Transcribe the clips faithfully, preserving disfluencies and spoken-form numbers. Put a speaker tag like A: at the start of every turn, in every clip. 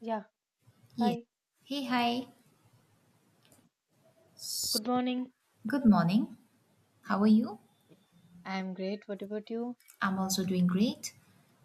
A: Yeah,
B: Yes.
A: hi.
B: Hey, hi.
A: Good morning.
B: Good morning. How are you?
A: I'm great. What about you?
B: I'm also doing great.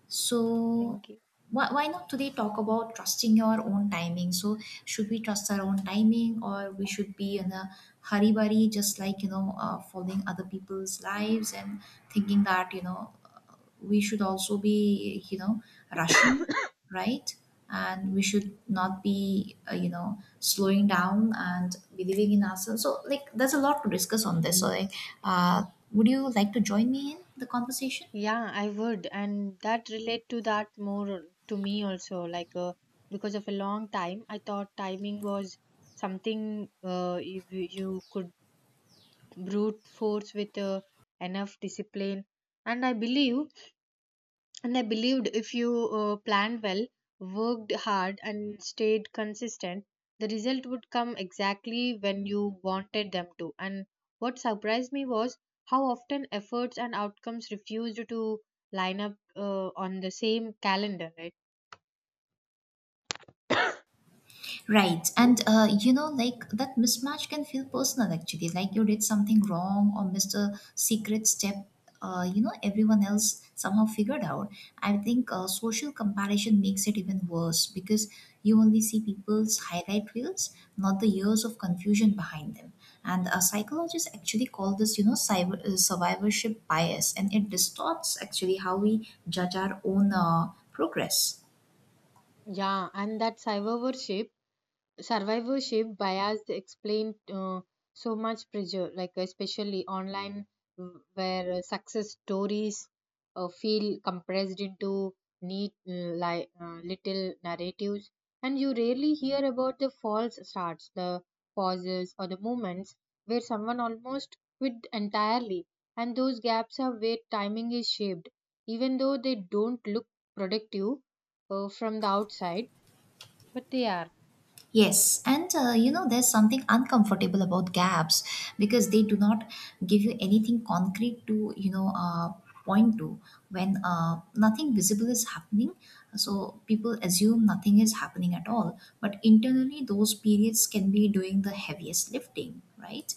B: So,
A: Thank you.
B: why, why not today talk about trusting your own timing? So, should we trust our own timing or we should be in a hurry bari, just like, you know, uh, following other people's lives and thinking that, you know, uh, we should also be, you know, rushing, right? And we should not be, uh, you know, slowing down and believing in ourselves. So, like, there's a lot to discuss on this. So, like, uh, would you like to join me in the conversation?
A: Yeah, I would, and that relate to that more to me also. Like, uh, because of a long time, I thought timing was something uh, you, you could brute force with uh, enough discipline, and I believe And I believed if you uh, planned well, worked hard, and stayed consistent, the result would come exactly when you wanted them to. And what surprised me was how often efforts and outcomes refused to line up uh, on the same calendar, right?
B: Right. And uh, you know, like that mismatch can feel personal actually. Like you did something wrong or missed a secret step, uh, you know, everyone else somehow figured out. I think uh, social comparison makes it even worse because you only see people's highlight reels, not the years of confusion behind them. And uh, psychologists actually call this, you know, cyber, uh, survivorship bias, and it distorts actually how we judge our own uh, progress.
A: Yeah, and that cyber worship survivorship bias explained uh, so much pressure, like especially online, w- where uh, success stories uh, feel compressed into neat, uh, li- uh, little narratives, and you rarely hear about the false starts, the pauses, or the moments where someone almost quit entirely. And those gaps are where timing is shaped, even though they don't look productive uh, from the outside, but they are.
B: Yes, and uh, you know, there's something uncomfortable about gaps because they do not give you anything concrete to, you know, uh, point to when uh, nothing visible is happening. So people assume nothing is happening at all. But internally, those periods can be doing the heaviest lifting, right?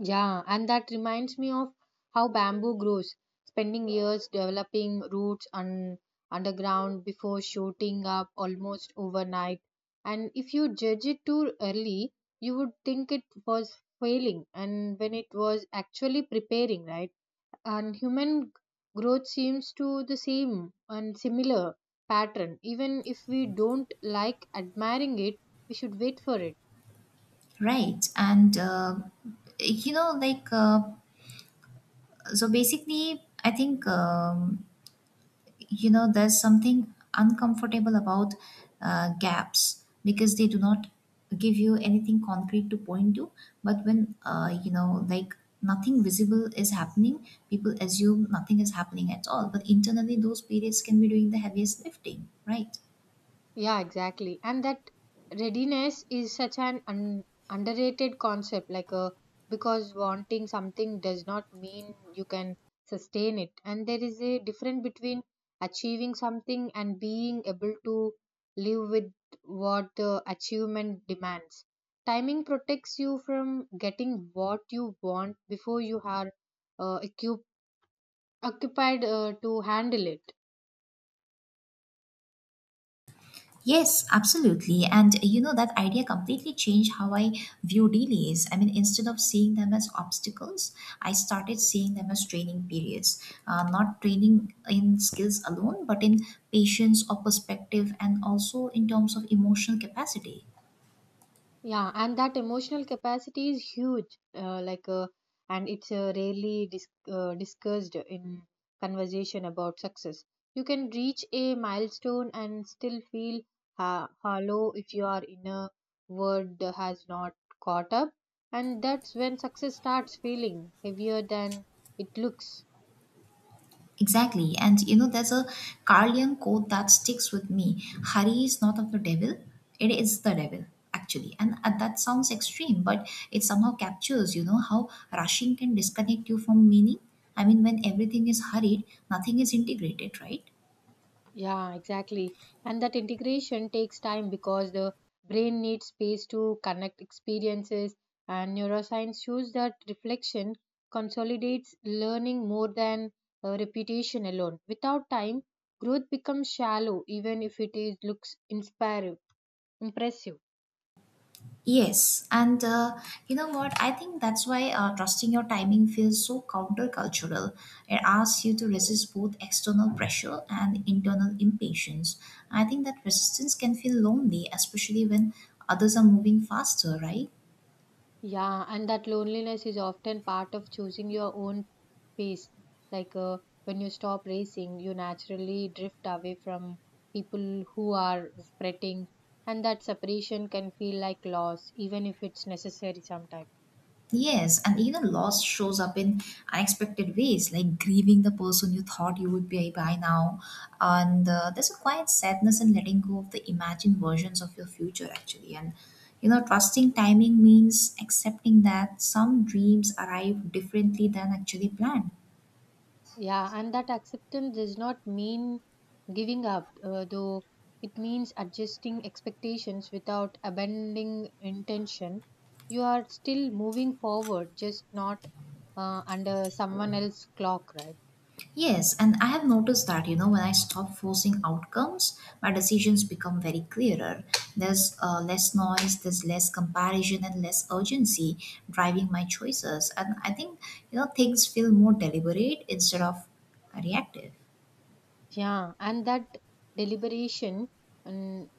A: Yeah, and that reminds me of how bamboo grows, spending years developing roots un- underground before shooting up almost overnight. And if you judge it too early, you would think it was failing, and when it was actually preparing, right? And human g- growth seems to the same and similar pattern. Even if we don't like admiring it, we should wait for it.
B: Right. And, uh, you know, like, uh, so basically, I think. Um, you know, there's something uncomfortable about uh, gaps because they do not give you anything concrete to point to, but when uh, you know like nothing visible is happening, people assume nothing is happening at all, but internally those periods can be doing the heaviest lifting, right?
A: Yeah, exactly. And that readiness is such an un- underrated concept, like a because wanting something does not mean you can sustain it. And there is a difference between achieving something and being able to live with what the achievement demands. Timing protects you from getting what you want before you are uh, occup- occupied uh, to handle it.
B: Yes, absolutely. And uh, you know, that idea completely changed how I view delays. I mean, instead of seeing them as obstacles, I started seeing them as training periods, uh, not training in skills alone, but in patience or perspective, and also in terms of emotional capacity.
A: Yeah, and that emotional capacity is huge. Uh, like, uh, and it's uh, rarely dis- uh, discussed in conversation about success. You can reach a milestone and still feel ha- hollow if your inner world has not caught up, and that's when success starts feeling heavier than it looks.
B: Exactly. And you know, there's a Carlian quote that sticks with me. Hurry is not of the devil, it is the devil, actually. And uh, that sounds extreme, but it somehow captures, you know, how rushing can disconnect you from meaning. I mean, when everything is hurried, nothing is integrated, right?
A: Yeah, exactly. And that integration takes time because the brain needs space to connect experiences, and neuroscience shows that reflection consolidates learning more than uh, repetition alone. Without time, growth becomes shallow, even if it is, looks inspire, impressive.
B: Yes, and uh, you know what? I think that's why uh, trusting your timing feels so countercultural. It asks you to resist both external pressure and internal impatience. I think that resistance can feel lonely, especially when others are moving faster, right?
A: Yeah, and that loneliness is often part of choosing your own pace. Like uh, when you stop racing, you naturally drift away from people who are spreading, and that separation can feel like loss, even if it's necessary sometimes.
B: Yes, and even loss shows up in unexpected ways, like grieving the person you thought you would be by now. And uh, there's a quiet sadness in letting go of the imagined versions of your future, actually. And, you know, trusting timing means accepting that some dreams arrive differently than actually planned.
A: Yeah, and that acceptance does not mean giving up, uh, though it means adjusting expectations without abandoning intention. You are still moving forward, just not uh, under someone else's clock, right?
B: Yes, and I have noticed that, you know, when I stop forcing outcomes, my decisions become very clearer. There's uh, less noise, there's less comparison, and less urgency driving my choices. And I think, you know, things feel more deliberate instead of reactive.
A: Yeah, and that deliberation and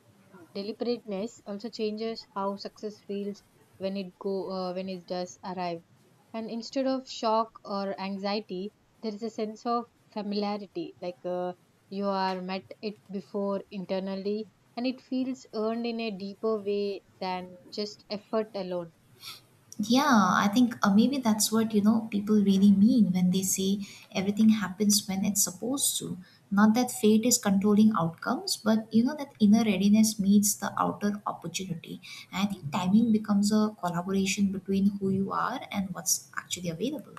A: deliberateness also changes how success feels when it go uh, when it does arrive. And instead of shock or anxiety, there is a sense of familiarity, like uh, you are met it before internally, and it feels earned in a deeper way than just effort alone.
B: Yeah, I think uh, maybe that's what you know people really mean when they say everything happens when it's supposed to. Not that fate is controlling outcomes, but you know that inner readiness meets the outer opportunity. And I think timing becomes a collaboration between who you are and what's actually available.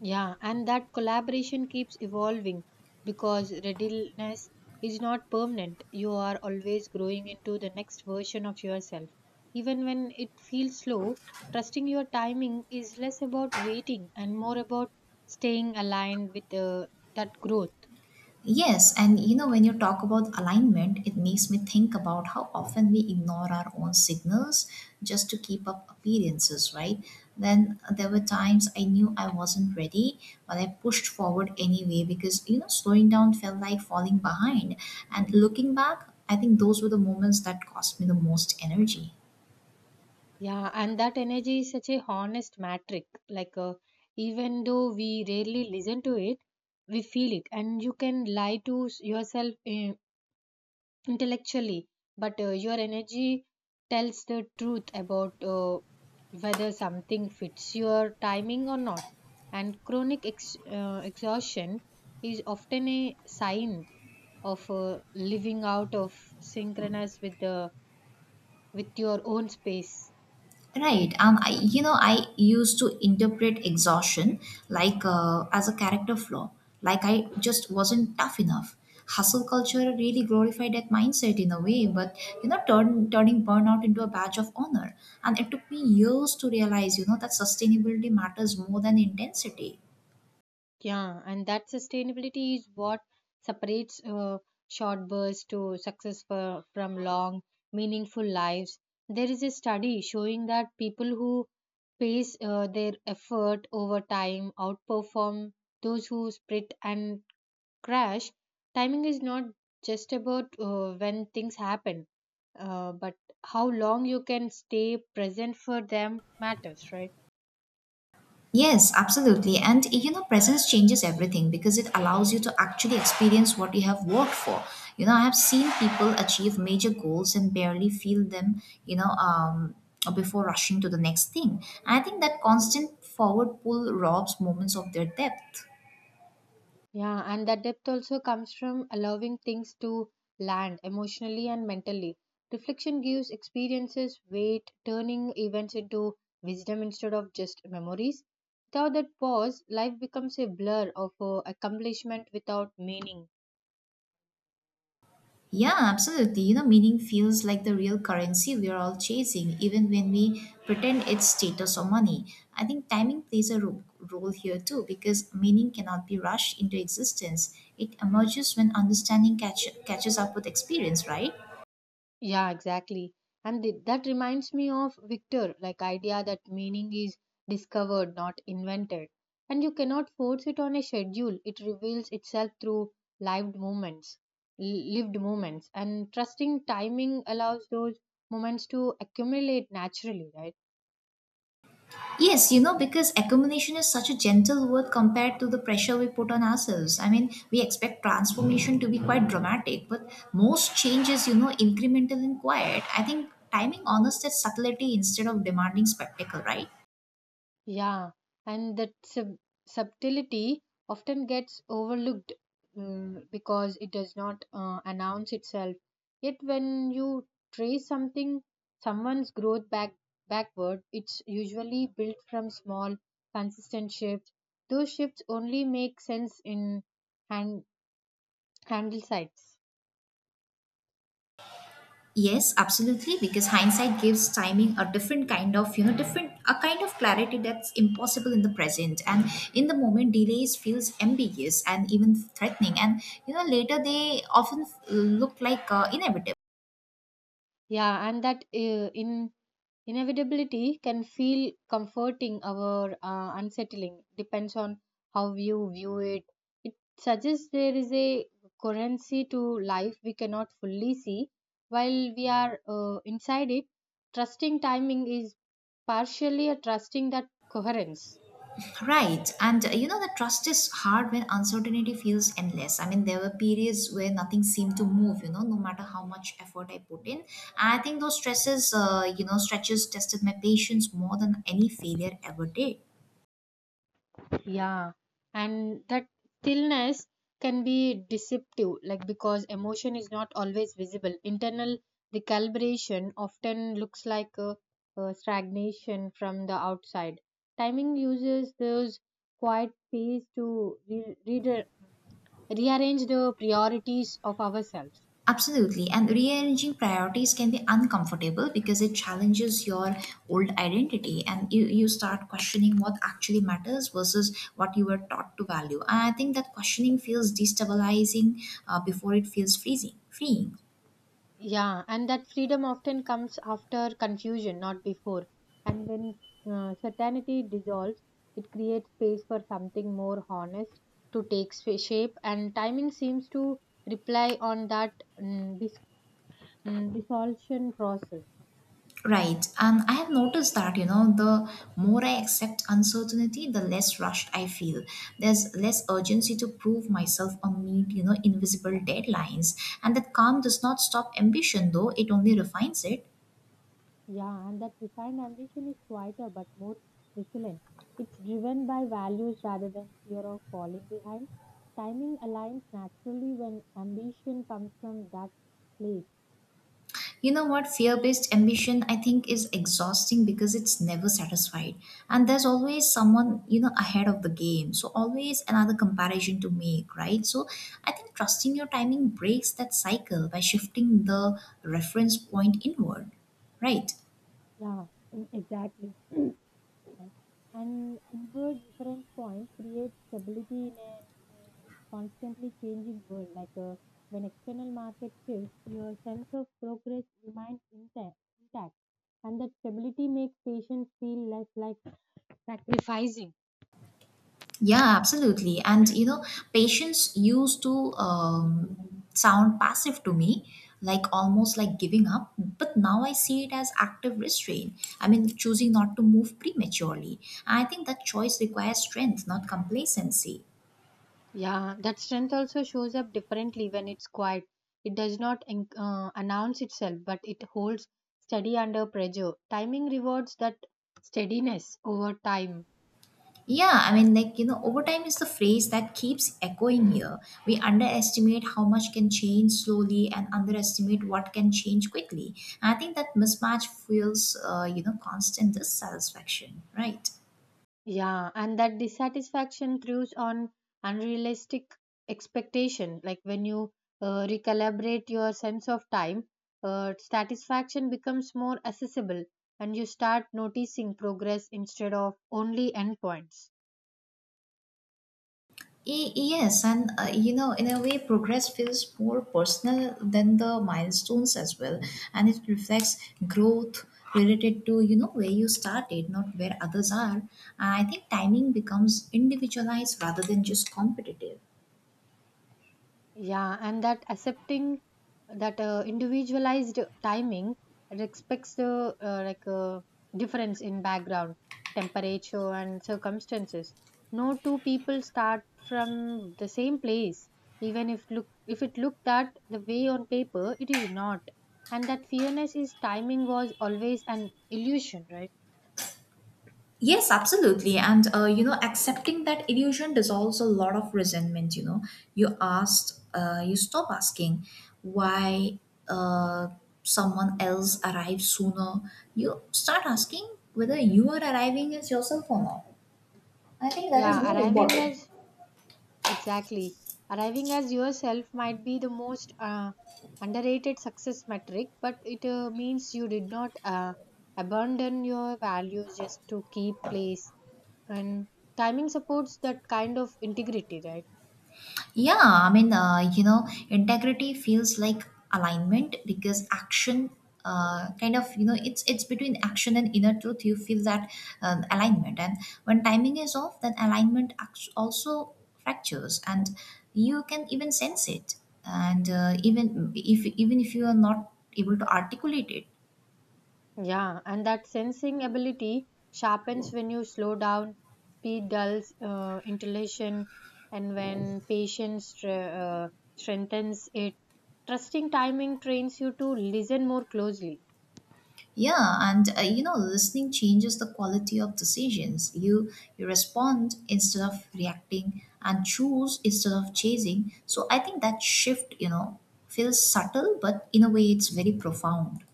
A: Yeah, and that collaboration keeps evolving because readiness is not permanent. You are always growing into the next version of yourself. Even when it feels slow, trusting your timing is less about waiting and more about staying aligned with uh, that growth.
B: Yes, and you know, when you talk about alignment, it makes me think about how often we ignore our own signals just to keep up appearances, right? Then there were times I knew I wasn't ready, but I pushed forward anyway because, you know, slowing down felt like falling behind. And looking back, I think those were the moments that cost me the most energy.
A: Yeah, and that energy is such a honest metric. Like, uh, even though we rarely listen to it, we feel it, and you can lie to s- yourself uh, intellectually, but uh, your energy tells the truth about uh, whether something fits your timing or not. And chronic ex- uh, exhaustion is often a sign of uh, living out of synchronous with the with your own space.
B: Right. Um, I, you know, I used to interpret exhaustion like uh, as a character flaw, like I just wasn't tough enough. Hustle culture really glorified that mindset in a way, but you know, turn, turning burnout into a badge of honor. And it took me years to realize, you know, that sustainability matters more than intensity.
A: Yeah, and that sustainability is what separates uh, short bursts to success for, from long, meaningful lives. There is a study showing that people who pace uh, their effort over time outperform those who sprint and crash. Timing is not just about uh, when things happen, uh, but how long you can stay present for them matters, right?
B: Yes, absolutely. And you know, presence changes everything because it allows you to actually experience what you have worked for. You know, I have seen people achieve major goals and barely feel them, you know, um, before rushing to the next thing. I think that constant forward pull robs moments of their depth.
A: Yeah, and that depth also comes from allowing things to land emotionally and mentally. Reflection gives experiences weight, turning events into wisdom instead of just memories. Without that pause, life becomes a blur of uh, accomplishment without meaning.
B: Yeah, absolutely. You know, meaning feels like the real currency we are all chasing, even when we pretend it's status or money. I think timing plays a ro- role here too, because meaning cannot be rushed into existence. It emerges when understanding catch- catches up with experience, right?
A: Yeah, exactly. And th- that reminds me of Victor, like idea that meaning is discovered, not invented. And you cannot force it on a schedule. It reveals itself through lived moments, l- lived moments. And trusting timing allows those moments to accumulate naturally, right?
B: Yes, you know, because accumulation is such a gentle word compared to the pressure we put on ourselves. I mean, we expect transformation to be quite dramatic, but most changes, you know, incremental and quiet. I think timing honors that subtlety instead of demanding spectacle, right?
A: Yeah, and that sub- subtlety often gets overlooked, mm, because it does not uh, announce itself. Yet, when you trace something, someone's growth back backward, it's usually built from small, consistent shifts. Those shifts only make sense in hand handle sites.
B: Yes, absolutely, because hindsight gives timing a different kind of, you know, different, a kind of clarity that's impossible in the present. And in the moment, delays feels ambiguous and even threatening. And, you know, later they often uh, look like uh, inevitable.
A: Yeah, and that uh, in inevitability can feel comforting or uh, unsettling, depends on how you view it. It suggests there is a currency to life we cannot fully see while we are uh, inside it. Trusting timing is partially a trusting that coherence.
B: Right. And uh, you know, the trust is hard when uncertainty feels endless. I mean, there were periods where nothing seemed to move, you know, no matter how much effort I put in. I think those stresses, uh, you know, stretches tested my patience more than any failure ever did.
A: Yeah, and that stillness can be deceptive, like because emotion is not always visible. Internal recalibration often looks like a, a stagnation from the outside. Timing uses those quiet space to re- re- rearrange the priorities of ourselves.
B: Absolutely. And rearranging priorities can be uncomfortable because it challenges your old identity and you, you start questioning what actually matters versus what you were taught to value. And I think that questioning feels destabilizing uh, before it feels freezing, freeing.
A: Yeah, and that freedom often comes after confusion, not before. And when uh, certainty dissolves, it creates space for something more honest to take sp- shape, and timing seems to rely on that mm, dis- mm, dissolution process.
B: Right. And I have noticed that, you know, the more I accept uncertainty, the less rushed I feel. There's less urgency to prove myself or meet, you know, invisible deadlines. And that calm does not stop ambition, though, it only refines it.
A: Yeah, and that refined ambition is quieter but more resilient. It's driven by values rather than fear of falling behind. Timing aligns naturally when ambition comes from that place.
B: You know what? Fear based ambition, I think, is exhausting because it's never satisfied. And there's always someone, you know, ahead of the game. So, always another comparison to make, right? So, I think trusting your timing breaks that cycle by shifting the reference point inward, right?
A: Yeah, mm, exactly. And inward reference points create stability in a, in a constantly changing world. Like uh, when external market shifts, your sense of progress remains intact, intact, and that stability makes patients feel less like sacrificing.
B: Yeah, absolutely. And you know, patience used to um, sound passive to me, like almost like giving up. But now I see it as active restraint. I mean, choosing not to move prematurely. I think that choice requires strength, not complacency.
A: Yeah, that strength also shows up differently when it's quiet. It does not en- uh, announce itself, but it holds steady under pressure. Timing rewards that steadiness over time.
B: Yeah, I mean, like, you know, overtime is the phrase that keeps echoing here. We underestimate how much can change slowly and underestimate what can change quickly. I think that mismatch fuels, uh, you know, constant dissatisfaction, right?
A: Yeah, and that dissatisfaction throws on unrealistic expectation. Like when you uh, recalibrate your sense of time, uh, satisfaction becomes more accessible, and you start noticing progress instead of only endpoints.
B: Y- Yes, and uh, you know, in a way, progress feels more personal than the milestones as well, and it reflects growth related to you know where you started, not where others are. And I think timing becomes individualized rather than just competitive.
A: Yeah, and that accepting that uh, individualized timing respects the uh, like uh, difference in background, temperature, and circumstances. No two people start from the same place, even if look if it looked that the way on paper, it is not. And that fairness is timing was always an illusion, right?
B: Yes, absolutely. And, uh, you know, accepting that illusion dissolves a lot of resentment. You know, you asked, uh, you stop asking why uh, someone else arrives sooner. You start asking whether you are arriving as yourself or not. I think that is
A: Yeah,
B: more
A: arriving
B: important.
A: as exactly. Arriving as yourself might be the most uh, underrated success metric, but it uh, means you did not uh, abandon your values just to keep place. And timing supports that kind of integrity, right?
B: Yeah, I mean, uh, you know, integrity feels like alignment because action, uh, kind of, you know, it's it's between action and inner truth. You feel that um, alignment, and when timing is off, then alignment act- also fractures, and you can even sense it. And uh, even if even if you are not able to articulate it,
A: Yeah, and that sensing ability sharpens when you slow down, speed dulls uh, intelation, and when patience stre- uh, strengthens it. Trusting timing trains you to listen more closely.
B: Yeah, and uh, you know, listening changes the quality of decisions. You you respond instead of reacting, and choose instead of chasing. So I think that shift, you know, feels subtle, but in a way, it's very profound.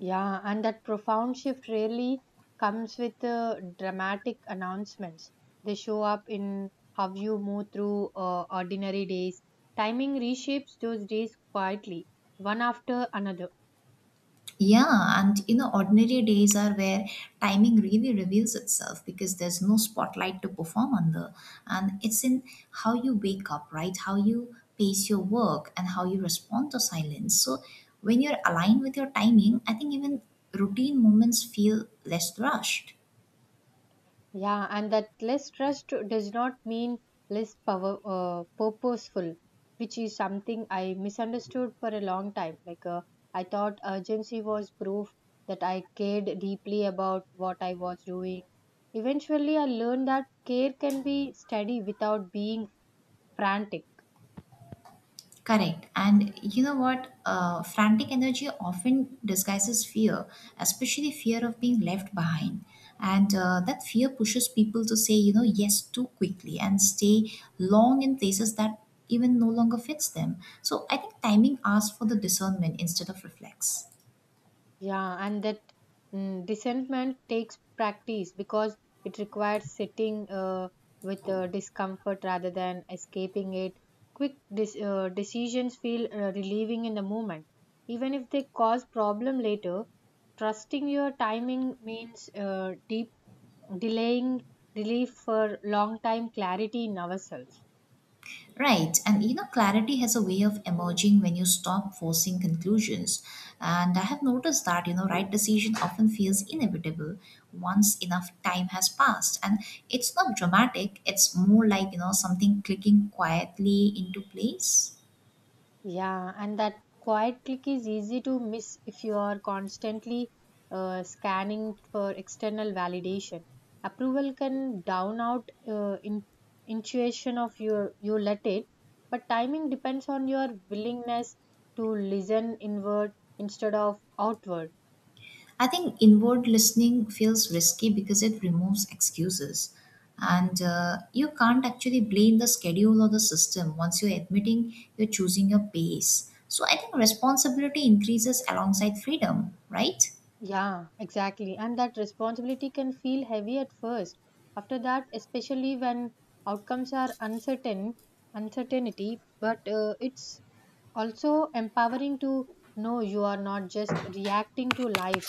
A: Yeah, and that profound shift rarely comes with uh, dramatic announcements. They show up in how you move through uh, ordinary days. Timing reshapes those days quietly, one after another.
B: Yeah, and you know, ordinary days are where timing really reveals itself because there's no spotlight to perform under. And it's in how you wake up, right? How you pace your work and how you respond to silence. So when you're aligned with your timing, I think even routine moments feel less rushed.
A: Yeah, and that less trust does not mean less power, uh, purposeful, which is something I misunderstood for a long time. Like, uh, I thought urgency was proof that I cared deeply about what I was doing. Eventually, I learned that care can be steady without being frantic.
B: Correct. And you know what? Uh, frantic energy often disguises fear, especially fear of being left behind. And uh, that fear pushes people to say, you know, yes too quickly and stay long in places that even no longer fits them. So I think timing asks for the discernment instead of reflex.
A: Yeah, and that mm, discernment takes practice because it requires sitting uh, with uh, discomfort rather than escaping it. Quick dis- uh, decisions feel uh, relieving in the moment, even if they cause problem later. Trusting your timing means uh, deep delaying relief for long time clarity in ourselves.
B: Right, and you know, clarity has a way of emerging when you stop forcing conclusions. And I have noticed that, you know, right decision often feels inevitable once enough time has passed. And it's not dramatic, it's more like, you know, something clicking quietly into place.
A: Yeah, and that quiet click is easy to miss if you are constantly uh, scanning for external validation. Approval can down out uh, in, intuition of your you let it, but timing depends on your willingness to listen inward instead of outward.
B: I think inward listening feels risky because it removes excuses. And uh, you can't actually blame the schedule or the system once you're admitting you're choosing your pace. So I think responsibility increases alongside freedom, right?
A: Yeah, exactly. And that responsibility can feel heavy at first. After that, especially when outcomes are uncertain, uncertainty, but uh, it's also empowering to know you are not just reacting to life.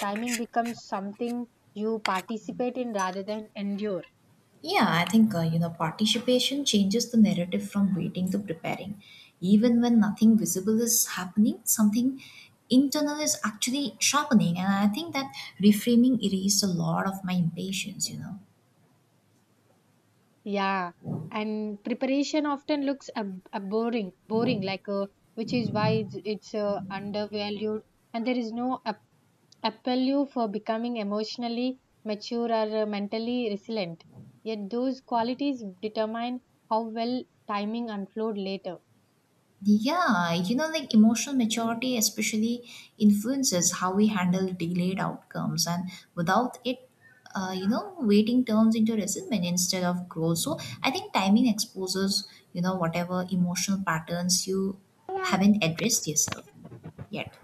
A: Timing becomes something you participate in rather than endure.
B: Yeah, I think uh, you know participation changes the narrative from waiting to preparing. Even when nothing visible is happening, something internal is actually sharpening, and I think that reframing erased a lot of my impatience. You know.
A: Yeah, and preparation often looks ab- ab- boring, boring, like uh, which is why it's, it's uh, undervalued, and there is no ap- appeal for becoming emotionally mature or uh, mentally resilient. Yet those qualities determine how well timing unfold later.
B: Yeah, you know, like emotional maturity especially influences how we handle delayed outcomes, and without it, uh, you know, waiting turns into resentment instead of growth. So I think timing exposes, you know, whatever emotional patterns you haven't addressed yourself yet.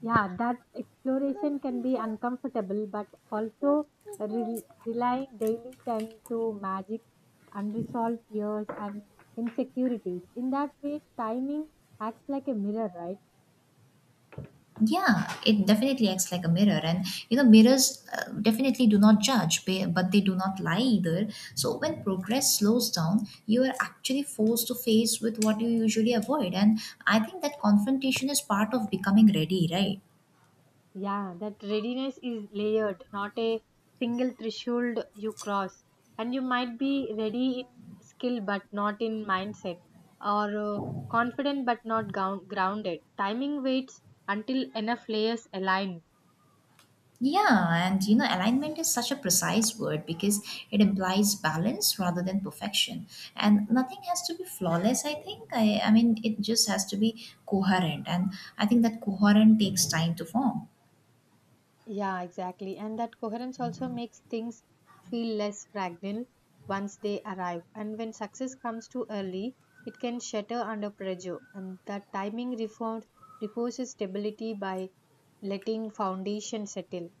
A: Yeah, that exploration can be uncomfortable, but also re- relying daily tend to magic, unresolved fears, and insecurities. In that way, timing acts like a mirror, right?
B: Yeah, it definitely acts like a mirror, and you know, mirrors uh, definitely do not judge, ba- but they do not lie either. So when progress slows down, you are actually forced to face with what you usually avoid, and I think that confrontation is part of becoming ready, right?
A: Yeah, that readiness is layered, not a single threshold you cross. And you might be ready in skill, but not in mindset, or uh, confident, but not gou- grounded. Timing waits until enough layers align.
B: Yeah, and you know, alignment is such a precise word because it implies balance rather than perfection, and nothing has to be flawless. I think I, I mean, it just has to be coherent, and I think that coherent takes time to form.
A: Yeah, exactly. And that coherence also makes things feel less fragile once they arrive. And when success comes too early, it can shatter under pressure. And that timing reform reinforces stability by letting foundation settle.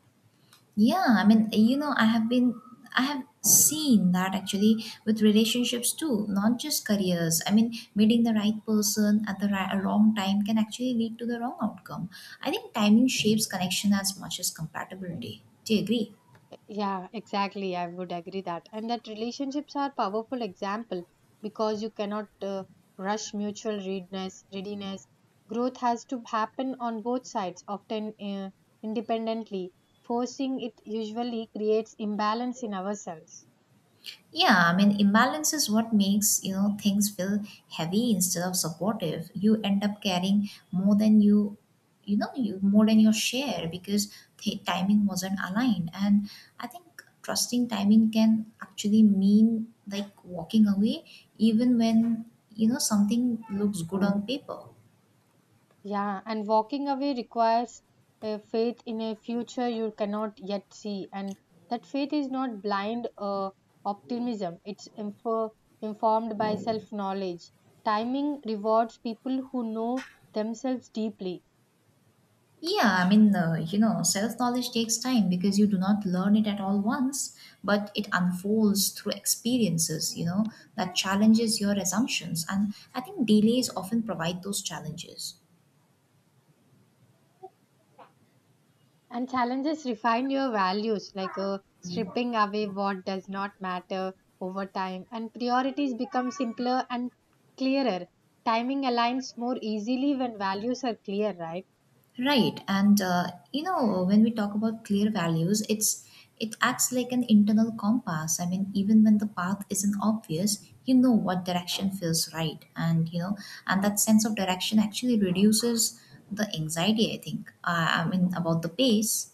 B: Yeah, I mean, you know, I have been, I have seen that actually with relationships too, not just careers. I mean, meeting the right person at the right, wrong time can actually lead to the wrong outcome. I think timing shapes connection as much as compatibility. Do you agree?
A: Yeah, exactly. I would agree that. And that relationships are powerful example because you cannot uh, rush mutual readiness, readiness. Growth has to happen on both sides, often uh, independently. Forcing it usually creates imbalance in ourselves.
B: Yeah, I mean, imbalance is what makes, you know, things feel heavy instead of supportive. You end up carrying more than you, you know, you more than your share because the timing wasn't aligned. And I think trusting timing can actually mean like walking away even when, you know, something looks good on paper.
A: Yeah, and walking away requires a faith in a future you cannot yet see. And that faith is not blind uh, optimism, it's info- informed by self knowledge. Timing rewards people who know themselves deeply,
B: Yeah, I mean, uh, you know, self knowledge takes time because you do not learn it at all once, but it unfolds through experiences, you know, that challenges your assumptions. And I think delays often provide those challenges.
A: and challenges refine your values, like uh, stripping away what does not matter over time, and priorities become simpler and clearer. Timing aligns more easily when values are clear, right?
B: Right, and uh, you know when we talk about clear values, it's it acts like an internal compass. I mean, even when the path isn't obvious, you know what direction feels right, and you know, and that sense of direction actually reduces the anxiety. I think. Uh, I mean, about the pace.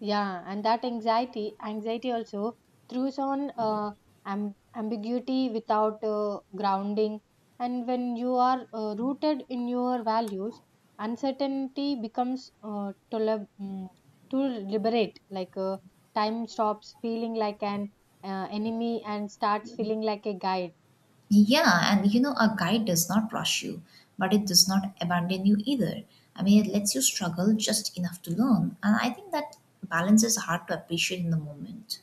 A: Yeah, and that anxiety, anxiety also throws on uh, am ambiguity without uh, grounding. And when you are uh, rooted in your values, uncertainty becomes uh, tole- mm, to liberate. Like uh, time stops feeling like an uh, enemy and starts feeling like a guide.
B: Yeah, and you know, a guide does not rush you, but it does not abandon you either. I mean, it lets you struggle just enough to learn, and I think that balance is hard to appreciate in the moment.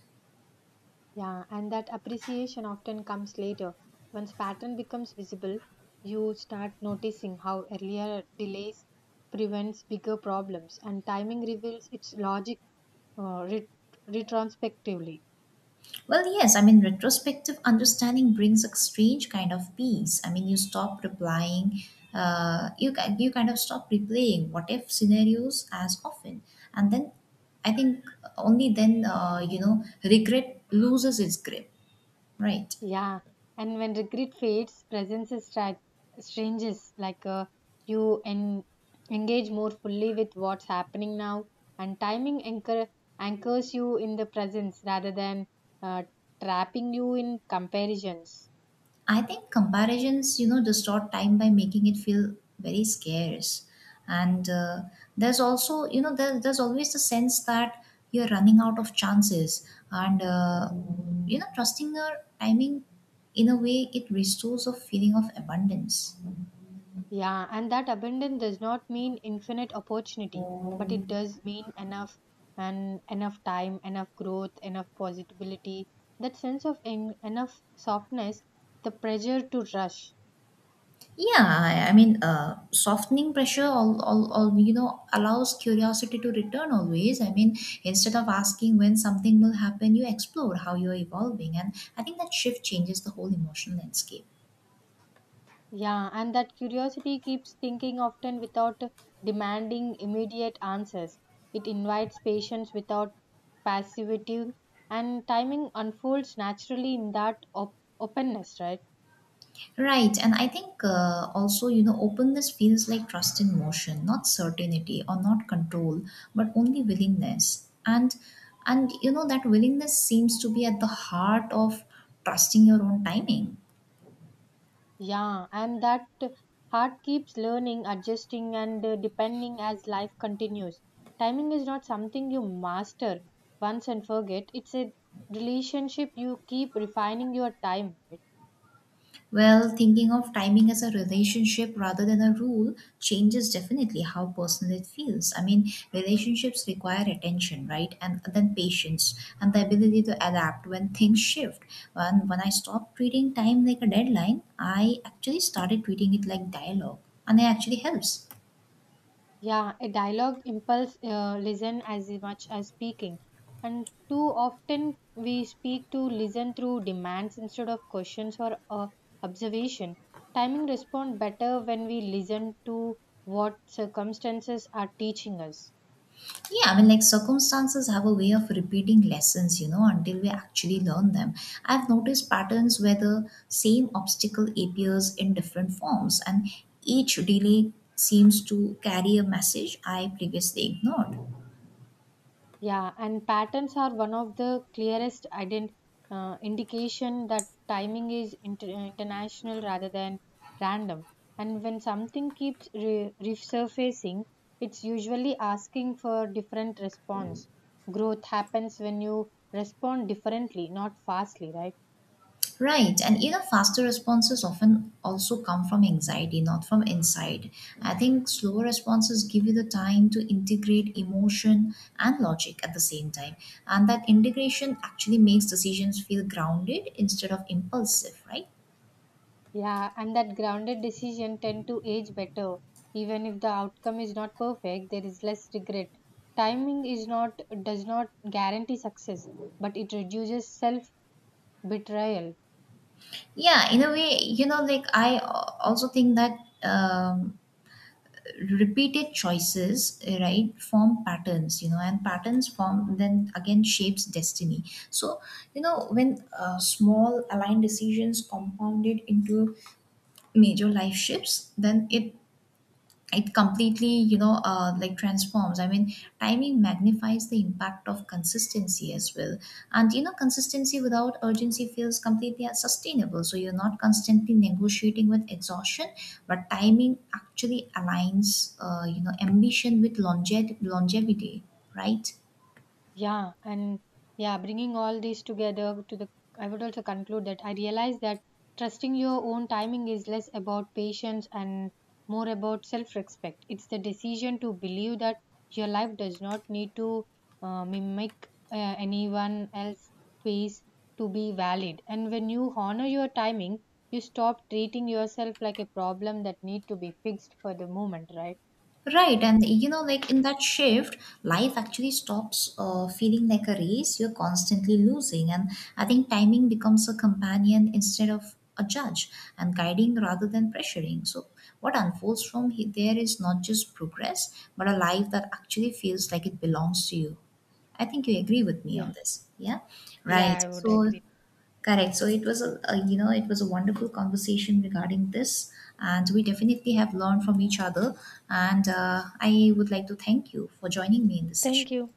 A: Yeah, and that appreciation often comes later. Once pattern becomes visible, you start noticing how earlier delays prevents bigger problems, and timing reveals its logic uh, ret- retrospectively.
B: Well, yes, I mean, retrospective understanding brings a strange kind of peace. I mean, you stop replying, uh, you, ki- you kind of stop replaying what if scenarios as often. And then I think only then, uh, you know, regret loses its grip, right?
A: Yeah, and when regret fades, presence is stra- stranges, like uh, you en- engage more fully with what's happening now, and timing anchor anchors you in the presence rather than uh, trapping you in comparisons.
B: I think comparisons, you know, distort time by making it feel very scarce. And uh, there's also, you know, there, there's always the sense that you're running out of chances. And, uh, you know, trusting your timing in a way, it restores a feeling of abundance.
A: Yeah, and that abundance does not mean infinite opportunity, but it does mean enough, and enough time, enough growth, enough possibility. That sense of en- enough softness, the pressure to rush.
B: Yeah, I, I mean, uh, softening pressure, all, all, all, you know, allows curiosity to return always. I mean, instead of asking when something will happen, you explore how you're evolving. And I think that shift changes the whole emotional landscape.
A: Yeah, and that curiosity keeps thinking often without demanding immediate answers. It invites patience without passivity, and timing unfolds naturally in that op- openness, right?
B: Right. And I think uh, also, you know, openness feels like trust in motion, not certainty or not control, but only willingness. And, and, you know, that willingness seems to be at the heart of trusting your own timing.
A: Yeah, and that heart keeps learning, adjusting, and uh, depending as life continues. Timing is not something you master once and forget, it's a relationship you keep refining your time. Right?
B: Well, thinking of timing as a relationship rather than a rule changes definitely how personal it feels. I mean, relationships require attention, right? And then patience and the ability to adapt when things shift. When, when I stopped treating time like a deadline, I actually started treating it like dialogue, and it actually helps.
A: Yeah, a dialogue impulse uh, listen as much as speaking. And too often we speak to listen through demands instead of questions or uh, observation. Timing respond better when we listen to what circumstances are teaching us.
B: Yeah, I mean, like circumstances have a way of repeating lessons, you know, until we actually learn them. I've noticed patterns where the same obstacle appears in different forms, and each delay seems to carry a message I previously ignored.
A: Yeah, and patterns are one of the clearest ident- uh, indication that timing is inter- uh, international rather than random. And when something keeps re- resurfacing, it's usually asking for different response. Growth happens when you respond differently, not fastly, right?
B: Right, and you know, faster responses often also come from anxiety, not from inside. I think slower responses give you the time to integrate emotion and logic at the same time, and that integration actually makes decisions feel grounded instead of impulsive, right?
A: Yeah, and that grounded decision tend to age better. Even if the outcome is not perfect, there is less regret. Timing is not does not guarantee success, but it reduces self betrayal.
B: Yeah, in a way, you know, like I al- also think that um, repeated choices uh, right form patterns, you know, and patterns form then again shapes destiny. So you know when uh, small aligned decisions compounded into major life shifts, then it it completely, you know, uh, like transforms. I mean, timing magnifies the impact of consistency as well. And you know, consistency without urgency feels completely unsustainable, so you're not constantly negotiating with exhaustion, but timing actually aligns uh, you know, ambition with longe- longevity, right?
A: Yeah, and yeah, bringing all these together to the, I would also conclude that I realize that trusting your own timing is less about patience and more about self respect. It's the decision to believe that your life does not need to uh, mimic uh, anyone else's pace to be valid. And when you honor your timing, you stop treating yourself like a problem that need to be fixed for the moment, right?
B: Right, and you know, like in that shift, life actually stops uh, feeling like a race. You're constantly losing, and I think timing becomes a companion instead of a judge, and guiding rather than pressuring. So, what unfolds from he- there is not just progress, but a life that actually feels like it belongs to you. I think you agree with me
A: Yeah.
B: on this. Yeah,
A: Yeah,
B: right.
A: I would
B: So,
A: agree.
B: correct. So it was a, a, you know, it was a wonderful conversation regarding this, and we definitely have learned from each other. And uh, I would like to thank you for joining me in this session.
A: Thank you.